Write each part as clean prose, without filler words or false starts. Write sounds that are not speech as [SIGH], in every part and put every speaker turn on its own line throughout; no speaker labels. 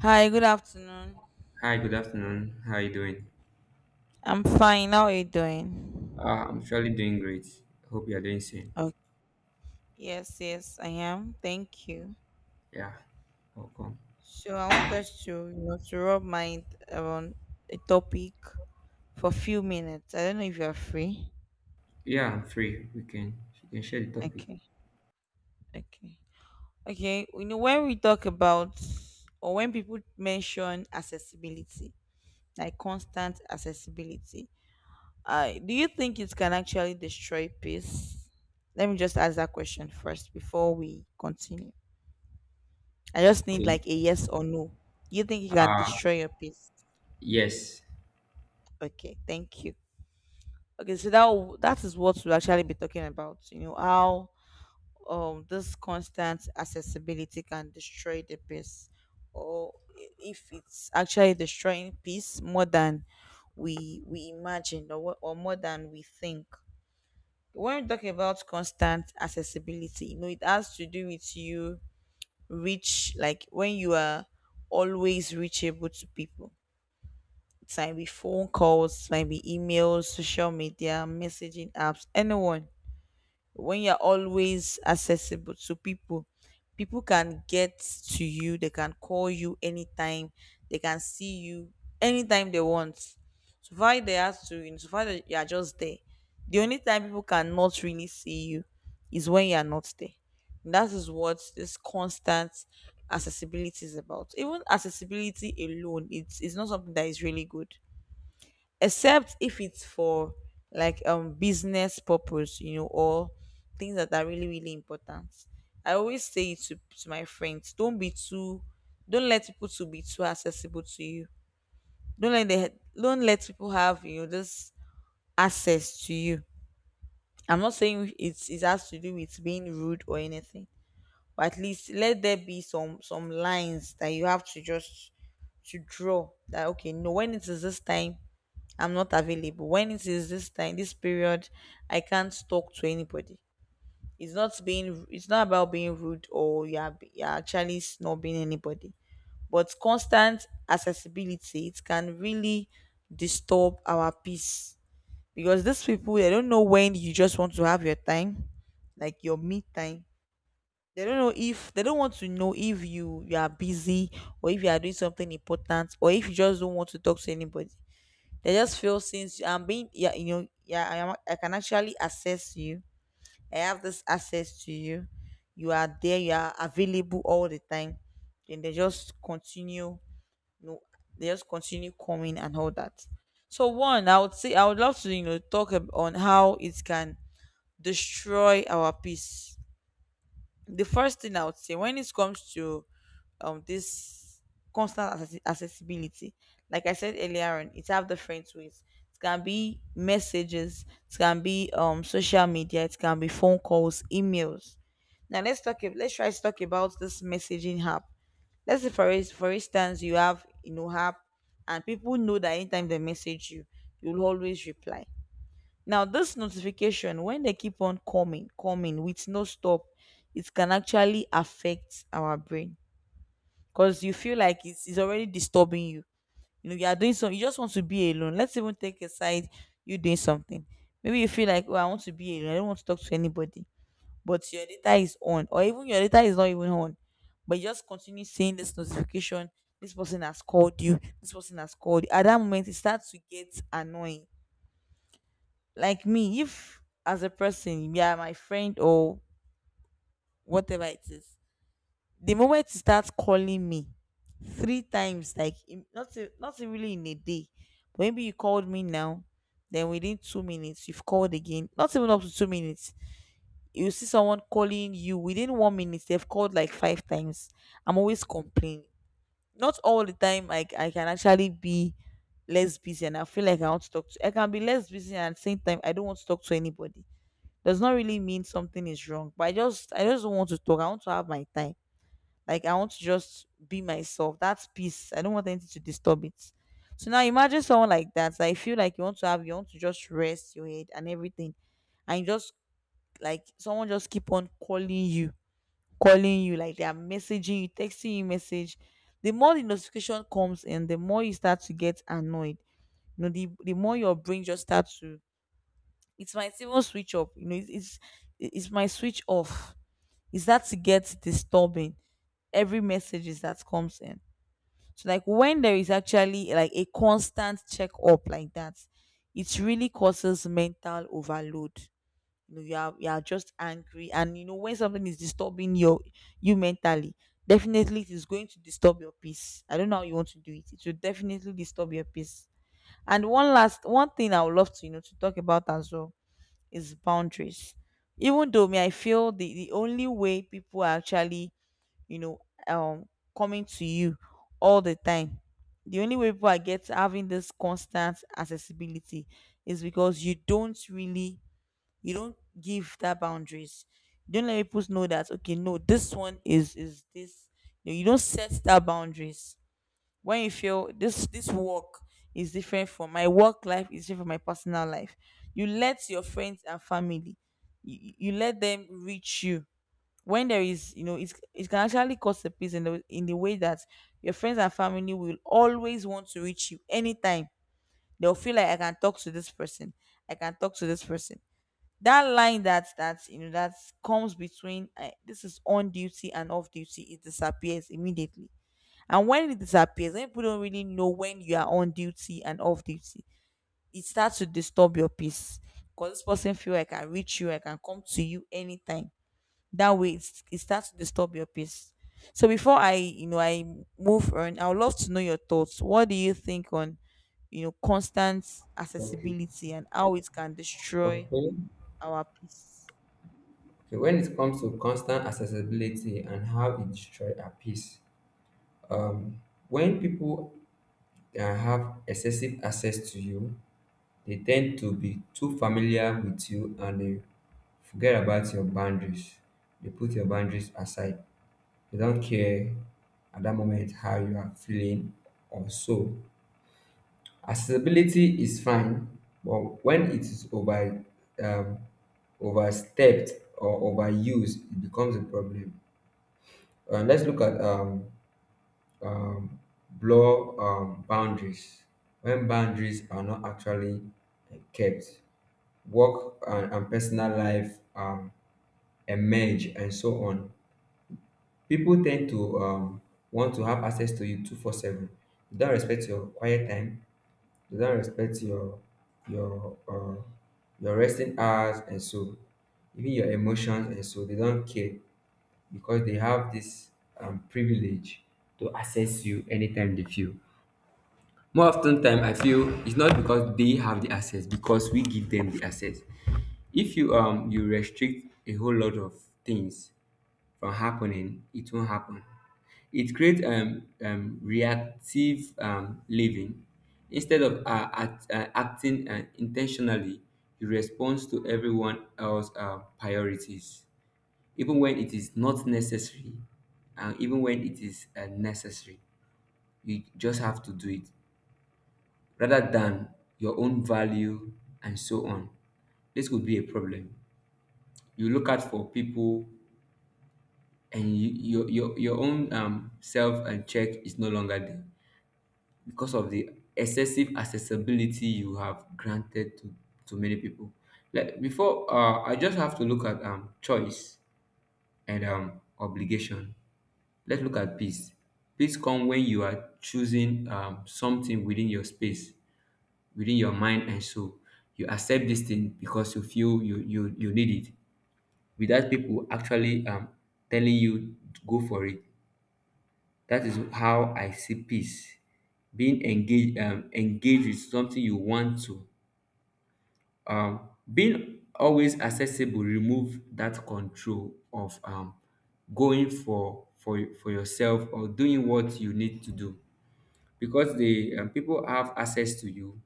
Hi, good afternoon.
Hi, good afternoon. How are you doing?
I'm fine. How are you doing?
I'm surely doing great. Hope you are doing same.
Okay. Yes, yes, I am. Thank you.
Yeah, welcome.
So I want us to rub mind around a topic for a few minutes. I don't know if you're free.
Yeah, I'm free. We can share the topic.
Okay, okay. Okay, when we talk about or when people mention accessibility, like constant accessibility, do you think it can actually destroy peace? Let me just ask that question first before we continue. I just need
Okay.
like a yes or no. You think you can
Uh,
destroy your peace?
yes.
Okay, thank you. Okay, so that is what we'll actually be talking about. You know how this constant accessibility can destroy the peace, or if it's actually destroying peace more than we imagine, or more than we think. When we talk about constant accessibility, you know it has to do with you reach, like when you are always reachable to people. It might be phone calls, might be emails, social media, messaging apps, anyone. When you're always accessible to people, people can get to you, they can call you anytime, they can see you anytime they want. So far they have to, in so far that you are just there. The only time people cannot really see you is when you are not there. And that is what this constant accessibility is about. Even accessibility alone, it's not something that is really good except if it's for like business purpose, you know, or things that are really really important. I always say it to my friends, don't be too, don't let people to be too accessible to you. don't let they don't let people have, you know, this access to you. I'm not saying it has to do with being rude or anything, but at least let there be some lines that you have to just to draw, that okay, no, when it is this time, I'm not available. When it is this time, this period, I can't talk to anybody. It's not about being rude, or you're actually not being anybody. But constant accessibility, it can really disturb our peace. Because these people, they don't know when you just want to have your time, like your me time. They don't want to know if you are busy, or if you are doing something important, or if you just don't want to talk to anybody. They just feel, since I'm being, yeah, yeah, I am, I can actually access you. I have this access to you. You are there. You are available all the time. Then they just continue. You know, they just continue coming and all that. So one, I would say, I would love to talk on how it can destroy our peace. The first thing I would say when it comes to this constant accessibility, like I said earlier on, it have different ways. It can be messages, it can be social media, it can be phone calls, emails. Now let's try to talk about this messaging app. Let's say for instance, you have, you know, app, and people know that anytime they message you, you'll always reply. Now, this notification, when they keep on coming, coming with no stop, it can actually affect our brain because you feel like it's already disturbing you. You are doing something, you just want to be alone. Let's even take aside you doing something. Maybe you feel like, oh, I want to be alone, I don't want to talk to anybody, but your data is on, or even your data is not even on, but you just continue seeing this notification. This person has called you, this person has called you. At that moment, it starts to get annoying. Like me, if as a person you are my friend or whatever it is, the moment you start calling me 3 times, not e- not e really in a day, but maybe you called me now, then within 2 minutes you've called again, not even up to 2 minutes, you see someone calling you within 1 minute, they've called like 5 times. I'm always complaining. Not all the time, like I can actually be less busy and I feel like I want to talk to, I can be less busy and at the same time I don't want to talk to anybody. Does not really mean something is wrong. But I just don't want to talk. I want to have my time. Like I want to just be myself. That's peace. I don't want anything to disturb it. So now imagine someone like that. I feel like you want to just rest your head and everything. And you just, like someone just keep on calling you, like they are messaging you, texting you message. The more the notification comes in, the more you start to get annoyed. The more your brain just starts to, it might even switch up. It's my switch off, is that to get disturbing every messages that comes in. So like when there is actually like a constant check up like that, it really causes mental overload. You are just angry, and you know when something is disturbing your you mentally, definitely it is going to disturb your peace. I don't know how you want to do it. It will definitely disturb your peace. And one last one thing I would love to, to talk about as well, is boundaries. Even though me, I feel the only way people are actually, you know, um, coming to you all the time. The only way people are get having this constant accessibility is because you don't really, you don't give that boundaries. You don't let people know that, okay, no, this one is this. You don't set that boundaries when you feel this, this work is different from, my work life is different from my personal life. You let your friends and family, you let them reach you when there is, it can actually cause a peace in the way that your friends and family will always want to reach you anytime. They'll feel like, I can talk to this person, I can talk to this person. That line, that that you know, that comes between, this is on duty and off duty, it disappears immediately. And when it disappears, when people don't really know when you are on duty and off duty, it starts to disturb your peace, because this person feel, I can reach you, I can come to you anytime. That way, it starts to disturb your peace. So before I you know I move on, I would love to know your thoughts. What do you think on, constant
Okay.
accessibility and how it can
Okay.
destroy
Okay.
our peace?
When it comes to constant accessibility and how it destroys our peace, um, when people have excessive access to you, they tend to be too familiar with you and they forget about your boundaries. They put your boundaries aside. They don't care at that moment how you are feeling or so. Accessibility is fine, but when it is over um, overstepped or overused, it becomes a problem. Let's look at um, blur boundaries. When boundaries are not actually kept, work and personal life emerge and so on. People tend to want to have access to you 24/7. They don't respect your quiet time. They don't respect your your um your resting hours and so even your emotions, and so they don't care because they have this privilege to access you anytime they feel. More often time, I feel it's not because they have the access, because we give them the access. If you restrict a whole lot of things from happening, it won't happen. It creates reactive living. Instead of acting intentionally, you respond to everyone else's priorities, even when it is not necessary, and even when it is necessary. You just have to do it rather than your own value and so on. This could be a problem. You look out for people, and your own self and check is no longer there because of the excessive accessibility you have granted to many people. Like before, I just have to look at choice and obligation. Let's look at peace. Peace come when you are choosing something within your space, within your mind and soul. You accept this thing because you feel you need it without people actually telling you to go for it. That is how I see peace. Being engaged, engaged with something you want to. Being always accessible remove that control of going for yourself or doing what you need to do. Because the people have access to you,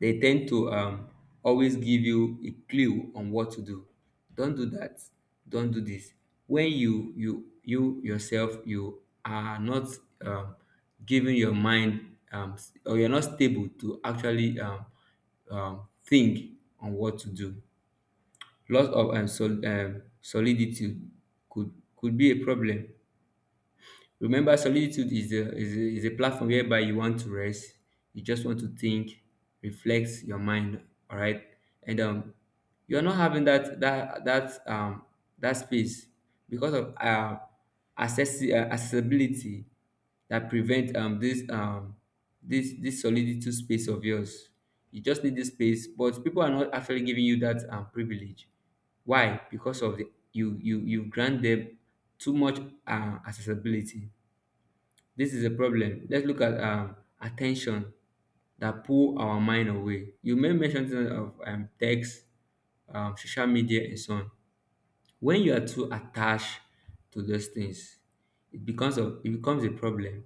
they tend to always give you a clue on what to do. Don't do that, don't do this, when you yourself, you are not um, giving your mind or you're not stable to actually think on what to do. Loss of solidity could be a problem. Remember, solitude is is a platform whereby you want to rest. You just want to think, reflect your mind. All right, and you're not having that space because of accessibility, that prevent this this solitude space of yours. You just need this space, but people are not actually giving you that privilege. Why? Because of the you grant them too much accessibility. This is a problem. Let's look at attention that pull our mind away. You may mention things of text, social media, and so on. When you are too attached to those things, it becomes a problem.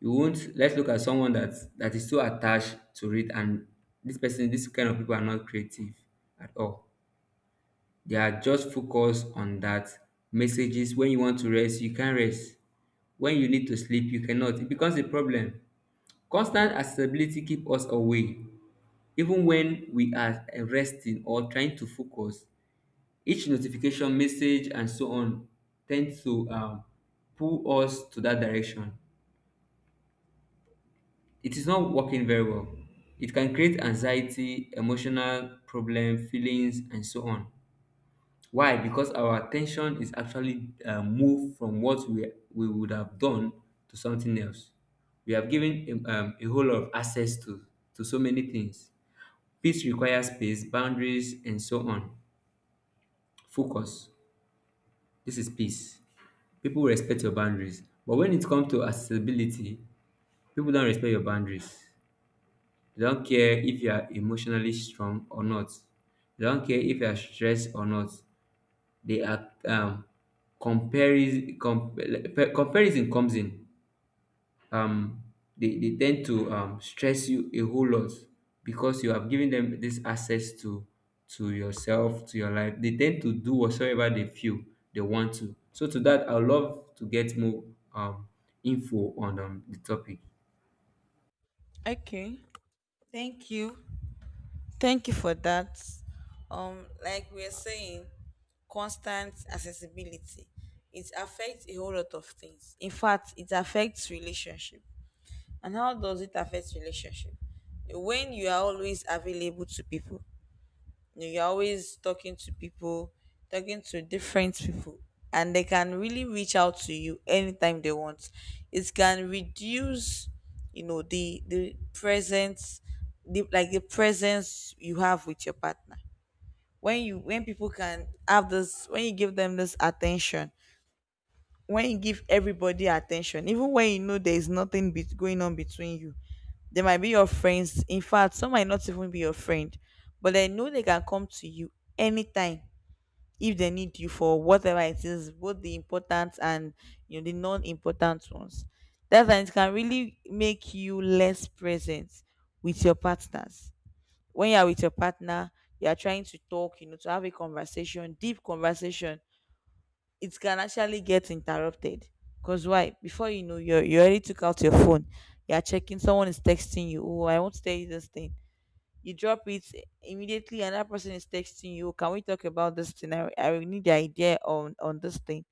You won't. Let's look at someone that that is too attached to it, and this person, this kind of people are not creative at all. They are just focused on that messages. When you want to rest, you can't rest. When you need to sleep, you cannot. It becomes a problem. Constant accessibility keeps us away, even when we are resting or trying to focus. Each notification, message, and so on tend to pull us to that direction. It is not working very well. It can create anxiety, emotional problem, feelings, and so on. Why? Because our attention is actually moved from what we would have done to something else. We have given a whole lot of access to so many things. Peace requires space, boundaries, and so on. Focus. This is peace. People respect your boundaries. But when it comes to accessibility, people don't respect your boundaries. They don't care if you are emotionally strong or not. They don't care if you are stressed or not. They are comparis- com- comparison comes in. um they tend to stress you a whole lot because you have given them this access to yourself, to your life. They tend to do whatsoever they feel they want to. So to that, I would love to get more um info on the topic.
Okay. Thank you. Thank you for that. Like we are saying, constant accessibility, it affects a whole lot of things. In fact, it affects relationship. And how does it affect relationship? When you are always available to people, you're always talking to people, talking to different people, and they can really reach out to you anytime they want. It can reduce, the presence, like the presence you have with your partner. When you, when people can have this, when you give them this attention, when you give everybody attention, even when you know there is nothing going on between you. They might be your friends. In fact, some might not even be your friend, but they know they can come to you anytime if they need you for whatever it is, both the important and, the non-important ones. That's and it can really make you less present with your partners. When you are with your partner, you are trying to talk, to have a conversation, deep conversation, it can actually get interrupted. Because why? Before you already took out your phone. You're checking, someone is texting you. Oh, I want to tell you this thing. You drop it immediately, another person is texting you. "Oh, can we talk about this thing? I really need the idea on this thing."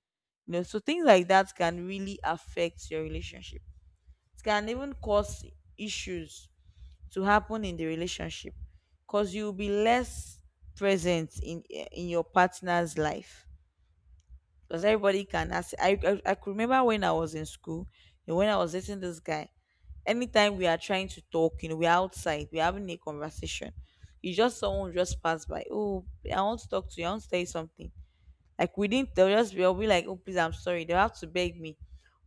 So things like that can really affect your relationship. It can even cause issues to happen in the relationship, because you'll be less present in your partner's life, because everybody can ask. I could remember when I was in school, when I was dating this guy. Anytime we are trying to talk, we're outside, we're having a conversation. You just Someone just pass by. Oh, I want to talk to you. I want to tell you something. Like we didn't. I'll be like, oh, please, I'm sorry. They'll have to beg me.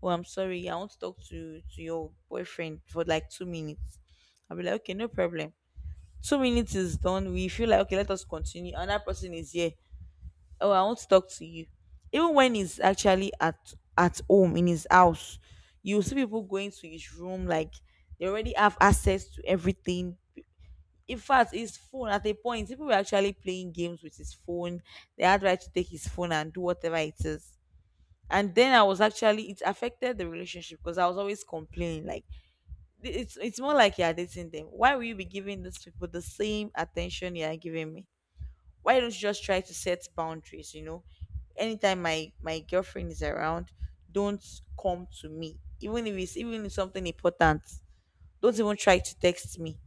Oh, I'm sorry. I want to talk to your boyfriend for like 2 minutes. I'll be like, okay, no problem. 2 minutes is done. We feel like, okay, let us continue. Another person is here. Oh, I want to talk to you. Even when he's actually at home in his house, you see people going to his room. Like, they already have access to everything. In fact, his phone, at a point people were actually playing games with his phone. They had right to take his phone and do whatever it is. And then I was actually it affected the relationship, because I was always complaining, like, it's more like, you're dating them, why will you be giving these people the same attention you're giving me? Why don't you just try to set boundaries, you know? Anytime my girlfriend is around, don't come to me, even if it's something important. Don't even try to text me.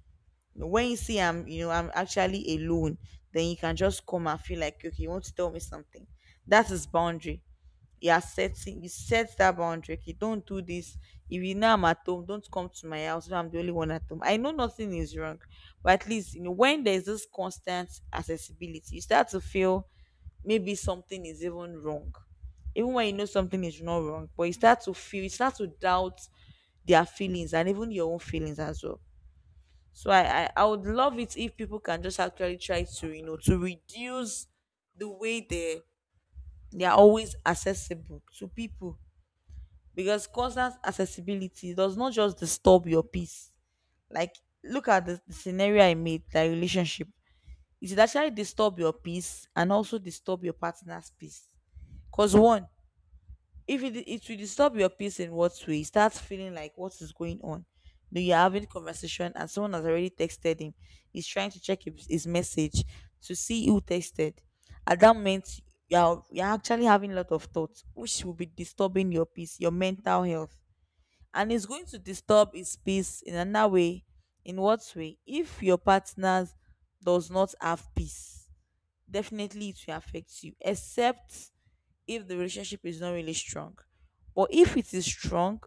When you see I'm actually alone, then you can just come and feel like, okay, you want to tell me something. That is boundary you are setting. You set that boundary. Okay, don't do this. If you know I'm at home, don't come to my house when I'm the only one at home. I know nothing is wrong, but at least, you know, when there's this constant accessibility, you start to feel maybe something is even wrong, even when you know something is not wrong. But you start to feel, you start to doubt their feelings and even your own feelings as well. So I would love it if people can just actually try to, you know, to reduce the way they are always accessible to people, because constant accessibility does not just disturb your peace. Like, look at the scenario I made, that relationship. It will actually disturb your peace and also disturb your partner's peace. Because, one, if it will disturb your peace, in what way? You start feeling like, what is going on? You're having conversation and someone has already texted him. He's trying to check his message to see who texted. At that moment, you're actually having a lot of thoughts, which will be disturbing your peace, your mental health, and it's going to disturb his peace in another way. In what way? If your partner does not have peace, definitely it will affect you, except if the relationship is not really strong. But if it is strong,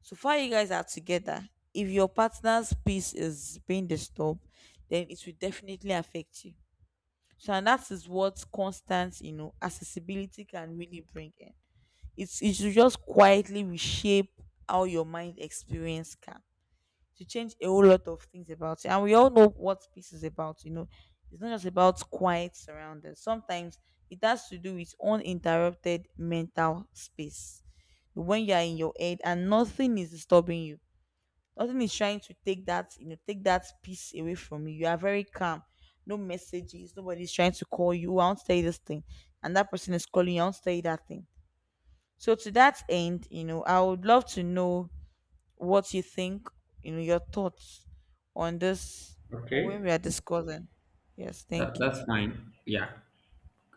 so far you guys are together, if your partner's peace is being disturbed, then it will definitely affect you. So, and that is what constant, you know, accessibility can really bring in. It should just quietly reshape how your mind experience can, to change a whole lot of things about it. And we all know what peace is about. It's not just about quiet surroundings. Sometimes it has to do with uninterrupted mental space. When you are in your head and nothing is disturbing you, nothing is trying to take that peace away from you. You are very calm. No messages. Nobody's trying to call you. I want to tell you this thing. And that person is calling you. I want to tell you that thing. So to that end, I would love to know what you think, your thoughts on this, on when
Okay.
we are discussing. Yes,
that,
thank you.
that's fine, yeah.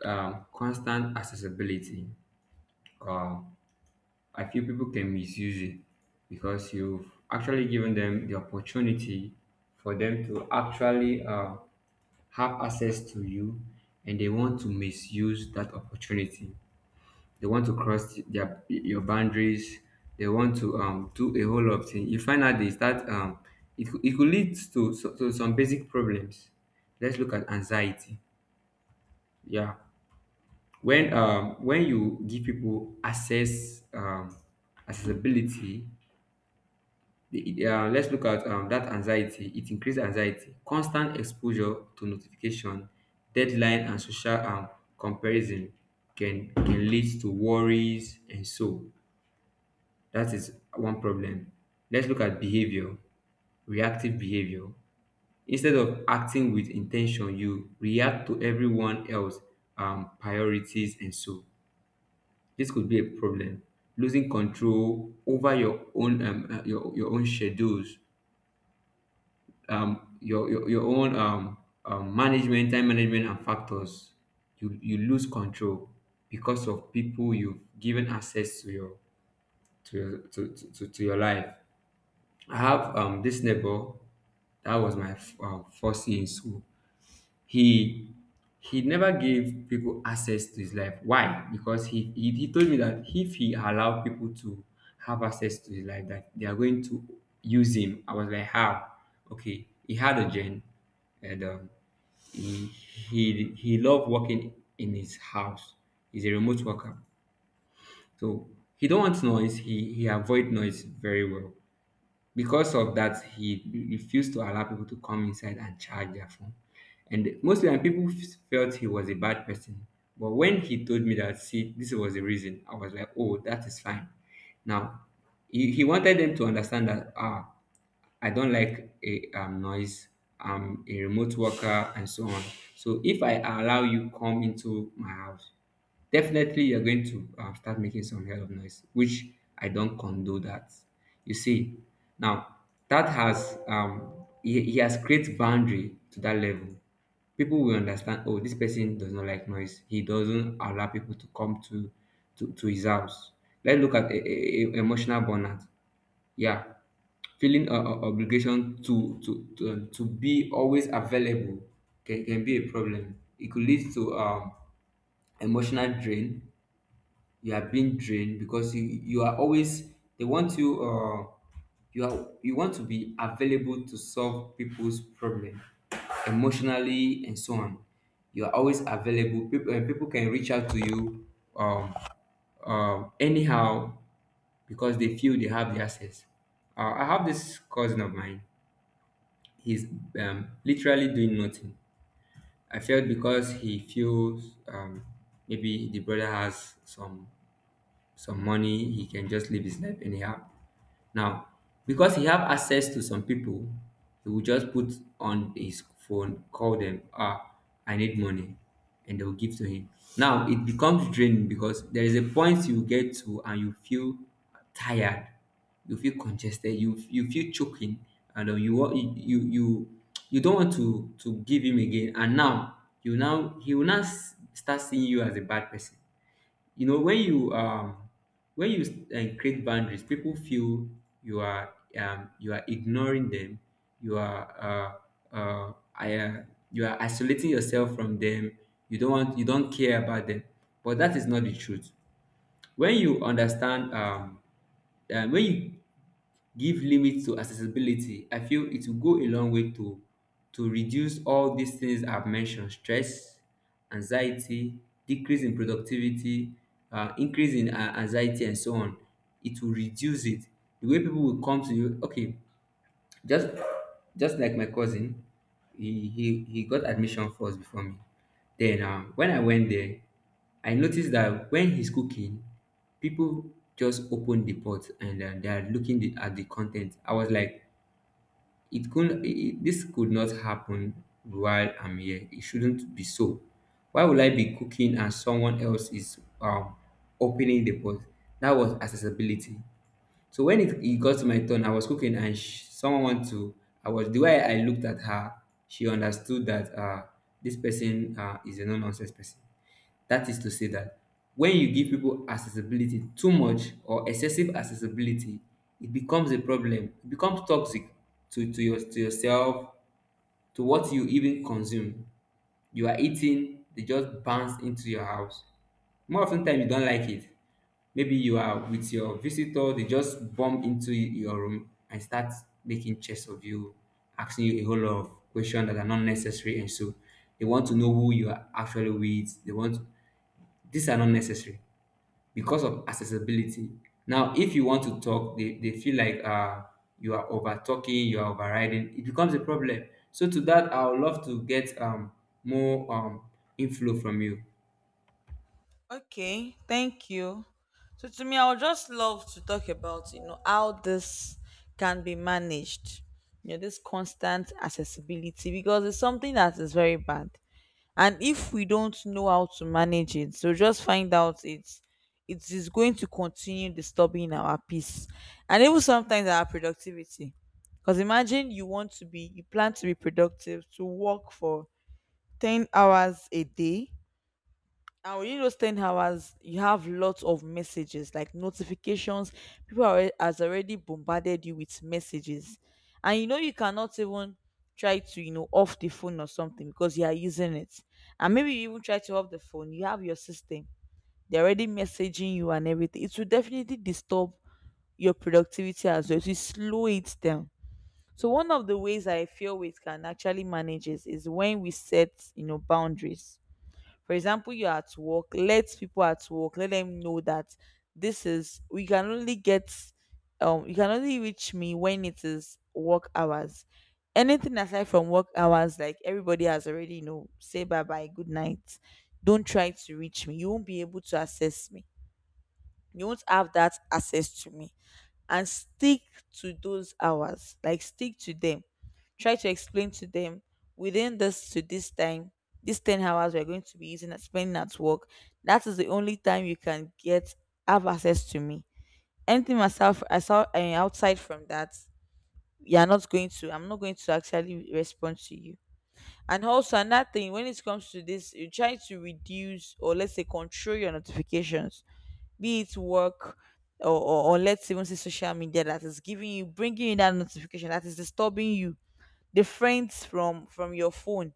constant accessibility, uh I feel people can misuse it because you've actually given them the opportunity for them to actually have access to you, and they want to misuse that opportunity. They want to cross their your boundaries. They want to do a whole lot of things. You find out they start it could lead to, to some basic problems. Let's look at anxiety. Yeah, when you give people accessibility. Yeah, let's look at that anxiety. It increases anxiety. Constant exposure to notification, deadline, and social comparison can lead to worries, and so that is one problem. Let's look at behavior, reactive behavior. Instead of acting with intention, you react to everyone else priorities, and so this could be a problem. Losing control over your own your own schedules, your own management, time management, and factors. You lose control because of people you've given access to your to your life. I have this neighbor that was my first year in school. He never gave people access to his life. Why? Because he told me that if he allowed people to have access to his life, that they are going to use him. I was like, how? Okay, he had a gen, and he he loved working in his house. He's a remote worker, so he don't want noise. He avoid noise very well. Because of that, he refused to allow people to come inside and charge their phone, and mostly, and people felt he was a bad person. But when he told me that, see, this was the reason, I was like, oh, that is fine. Now, he wanted them to understand that, ah, I don't like a noise. I'm a remote worker and so on. So if I allow you come into my house, definitely you're going to start making some hell of noise, which I don't condone that. You see, now, that has he has created boundary to that level. People will understand. Oh, this person does not like noise. He doesn't allow people to come to to his house. Let's look at a emotional burnout. Yeah, feeling obligation to be always available can be a problem. It could lead to emotional drain. You are being drained because you are always, they want you want to be available to solve people's problem emotionally and so on. You are always available, people, and people can reach out to you um anyhow because they feel they have the access. I have this cousin of mine. He's literally doing nothing. I felt because he feels maybe the brother has some money, he can just live his life anyhow. Now, because he have access to some people, he will just put on his phone, call them, ah, I need money, and they will give to him. Now it becomes draining because there is a point you get to, and you feel tired, you feel congested, you feel choking, and you want you don't want to give him again. And now you now, he will now start seeing you as a bad person. You know, when you create boundaries, people feel you are you are ignoring them. You are uh, I, uh you are isolating yourself from them. You don't want, you don't care about them, but that is not the truth. When you understand when you give limits to accessibility, I feel it will go a long way to reduce all these things I've mentioned: stress, anxiety, decrease in productivity, increase in anxiety and so on. It will reduce it, the way people will come to you. Okay, just just like my cousin, he got admission first before me. Then when I went there, I noticed that when he's cooking, people just open the pot, and they are looking at the content. I was like, it couldn't. This could not happen while I'm here. It shouldn't be so. Why would I be cooking and someone else is opening the pot? That was accessibility. So when it got to my turn, I was cooking and sh someone want to. I was, the way I looked at her, she understood that this person is a no nonsense person. That is to say that when you give people accessibility too much or excessive accessibility, it becomes a problem. It becomes toxic to your, to yourself, to what you even consume. You are eating, they just bounce into your house. More often time, you don't like it. Maybe you are with your visitor, they just bump into your room and start making chess of you, asking you a whole lot of questions that are not necessary, and so they want to know who you are actually with, they want, these are not necessary because of accessibility. Now if you want to talk, they feel like you are over talking, you are overriding. It becomes a problem. So to that, I would love to get more inflow from you.
Okay, thank you. So to me, I would just love to talk about how this can be managed. This constant accessibility, because it's something that is very bad. And if we don't know how to manage it, so just find out, it's, it is going to continue disturbing our peace, and even sometimes our productivity. Because imagine, you plan to be productive to work for 10 hours a day, and within those 10 hours you have lots of messages, like notifications. People are, has already bombarded you with messages. And you know you cannot even try to, you know, off the phone or something, because you are using it. And maybe you even try to off the phone, you have your system, they're already messaging you and everything. It will definitely disturb your productivity as well, it will slow it down. So one of the ways I feel we can actually manage is when we set boundaries. For example, you're at work, let people at work, let them know that this is we can only get you can only reach me when it is work hours. Anything aside from work hours, like, everybody has already know, say bye bye, good night, don't try to reach me, you won't be able to access me, you won't have that access to me. And stick to those hours, like, stick to them. Try to explain to them, within this to this time, these 10 hours we're going to be using and spending at work, that is the only time you can get have access to me. Anything myself I saw, outside from that, you're not going to I'm not going to actually respond to you. And also another thing when it comes to this, you try to reduce or let's say control your notifications, be it work, or let's even say social media, that is giving you bringing you that notification that is disturbing you, the friends, from your phone.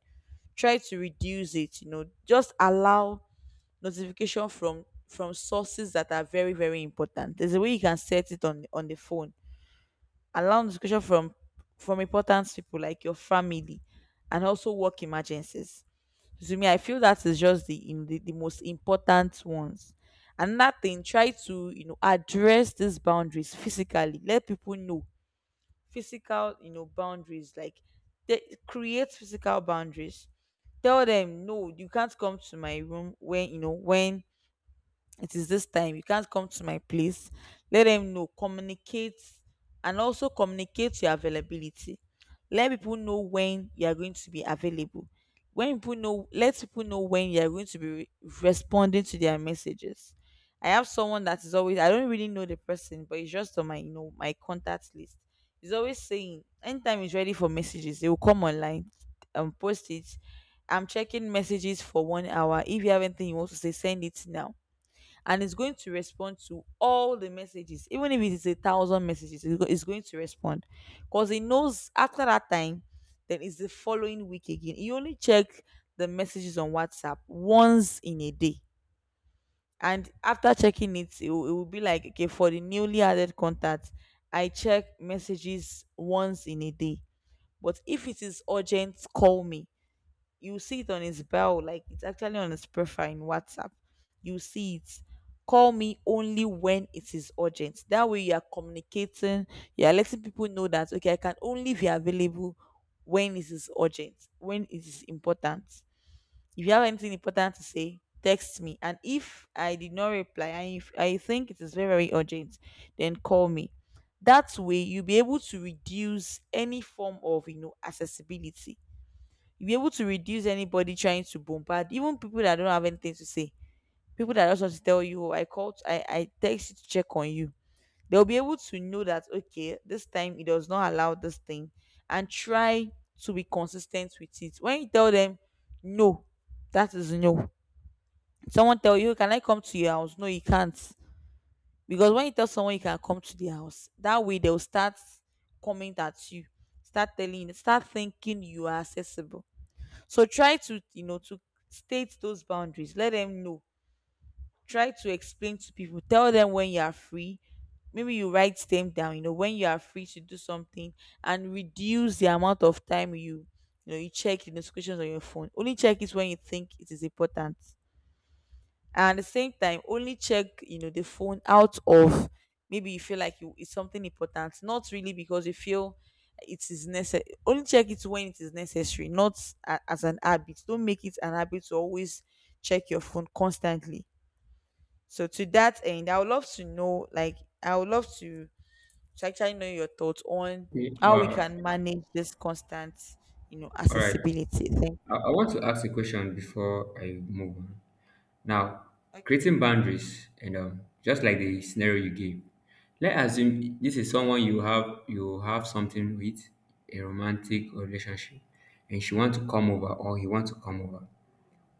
Try to reduce it, just allow notification from sources that are very, very important. There's a way you can set it on the phone. Allow discussion from important people, like your family, and also work emergencies. To me, I feel that is just the, the most important ones. And that thing, try to, you know, address these boundaries physically. Let people know physical boundaries, like, they, create physical boundaries. Tell them, no, you can't come to my room when, you know, when it is this time you can't come to my place. Let them know, communicate. And also communicate your availability. Let people know when you are going to be available. When people know, let people know when you are going to be responding to their messages. I have someone that is always I don't really know the person, but it's just on my you know my contact list. He's always saying, anytime he's ready for messages, they will come online and post it. I'm checking messages for 1 hour, if you have anything you want to say, send it now. And it's going to respond to all the messages, even if it is 1,000 messages, it's going to respond, because it knows after that time. Then it's the following week again, you only check the messages on WhatsApp once in a day. And after checking it will be like, okay, for the newly added contacts, I check messages once in a day. But if it is urgent, call me. You see it on his bell, like, it's actually on his profile in WhatsApp. You see it. Call me only when it is urgent. That way, you are communicating, you are letting people know that, okay, I can only be available when it is urgent, when it is important. If you have anything important to say, text me. And if I did not reply and if I think it is very, very urgent, then call me. That way, you'll be able to reduce any form of, you know, accessibility. You'll be able to reduce anybody trying to bombard, even people that don't have anything to say, people that just want to tell you, oh, I called, I text you to check on you. They'll be able to know that, okay, this time it does not allow this thing. And try to be consistent with it. When you tell them no, that is no. Someone tell you, can I come to your house? No, you can't. Because when you tell someone you can come to their house, that way they'll start coming at you, start telling, start thinking you are accessible. So try to, you know, to state those boundaries. Let them know. Try to explain to people. Tell them when you are free. Maybe you write them down, you know, when you are free to do something. And reduce the amount of time you check the notifications on your phone. Only check it when you think it is important. And at the same time, only check the phone out of, maybe you feel like it's something important, not really because you feel it is necessary. Only check it when it is necessary, not as an habit. Don't make it an habit to always check your phone constantly. So to that end, I would love to, actually know your thoughts on
Okay.
how we can manage this constant you know
All right.
accessibility Thank you.
I want to ask a question before I move on. Now,
Okay.
creating boundaries, and just like the scenario you gave, let's assume this is someone you have something with, a romantic relationship, and she wants to come over or he wants to come over.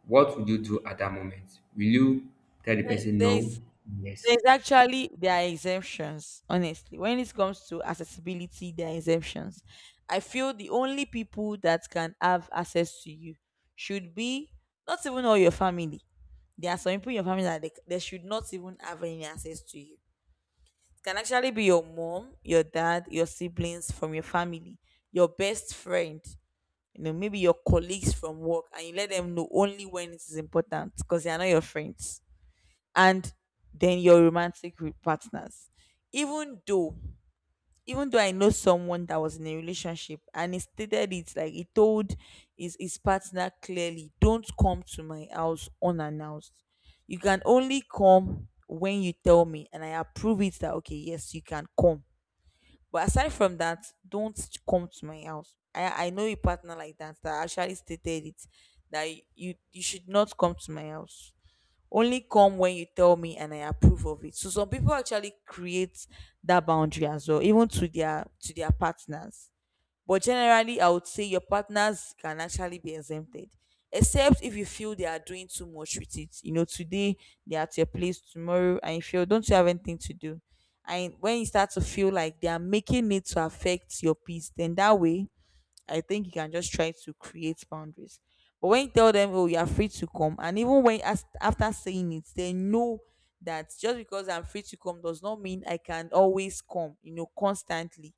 What would you do at that moment? Will you tell the
there
person
there
no?
is
Yes.
There's actually there are exemptions, honestly. When it comes to accessibility, there are exemptions. I feel the only people that can have access to you should be, not even all your family. There are some people in your family that they should not even have any access to you. It can actually be your mom, your dad, your siblings from your family, your best friend, maybe your colleagues from work, and you let them know only when it is important because they are not your friends. And then your romantic partners. Even though, even though I know someone that was in a relationship and he stated it, like, he told his partner clearly, don't come to my house unannounced. You can only come when you tell me and I approve it, that okay, yes, you can come. But aside from that, don't come to my house. I know a partner like that that actually stated it, that you should not come to my house, only come when you tell me and I approve of it. So some people actually create that boundary as well, even to their partners. But generally, I would say your partners can actually be exempted, except if you feel they are doing too much with it. You know, today they are at your place, tomorrow, and you feel, don't you have anything to do? And when you start to feel like they are making it to affect your peace, then that way I think you can just try to create boundaries. But when you tell them, oh, you are free to come, and even after saying it, they know that just because I'm free to come does not mean I can always come, constantly.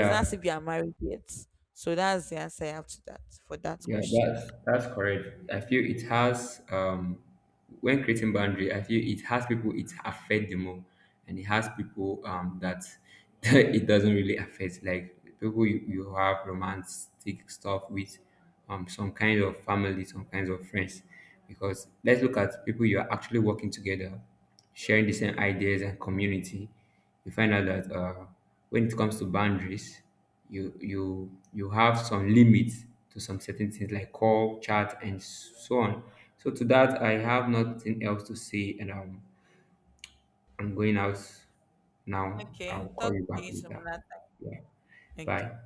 It's not as if you are married yet. So that's the answer I have to that for that
Yeah,
question.
that's correct. I feel it has when creating boundary, I feel it has people it affect the more, and it has people that [LAUGHS] it doesn't really affect, like people you have romantic stuff with, some kind of family, some kinds of friends. Because let's look at people you are actually working together, sharing the same ideas and community. You find out that when it comes to boundaries, you have some limits to some certain things like call, chat, and so on. So to that, I have nothing else to say, and I'm going out now. I'll
Okay, talk
call you
to
back
you some
later.
other
Yeah,
time. Okay.
bye.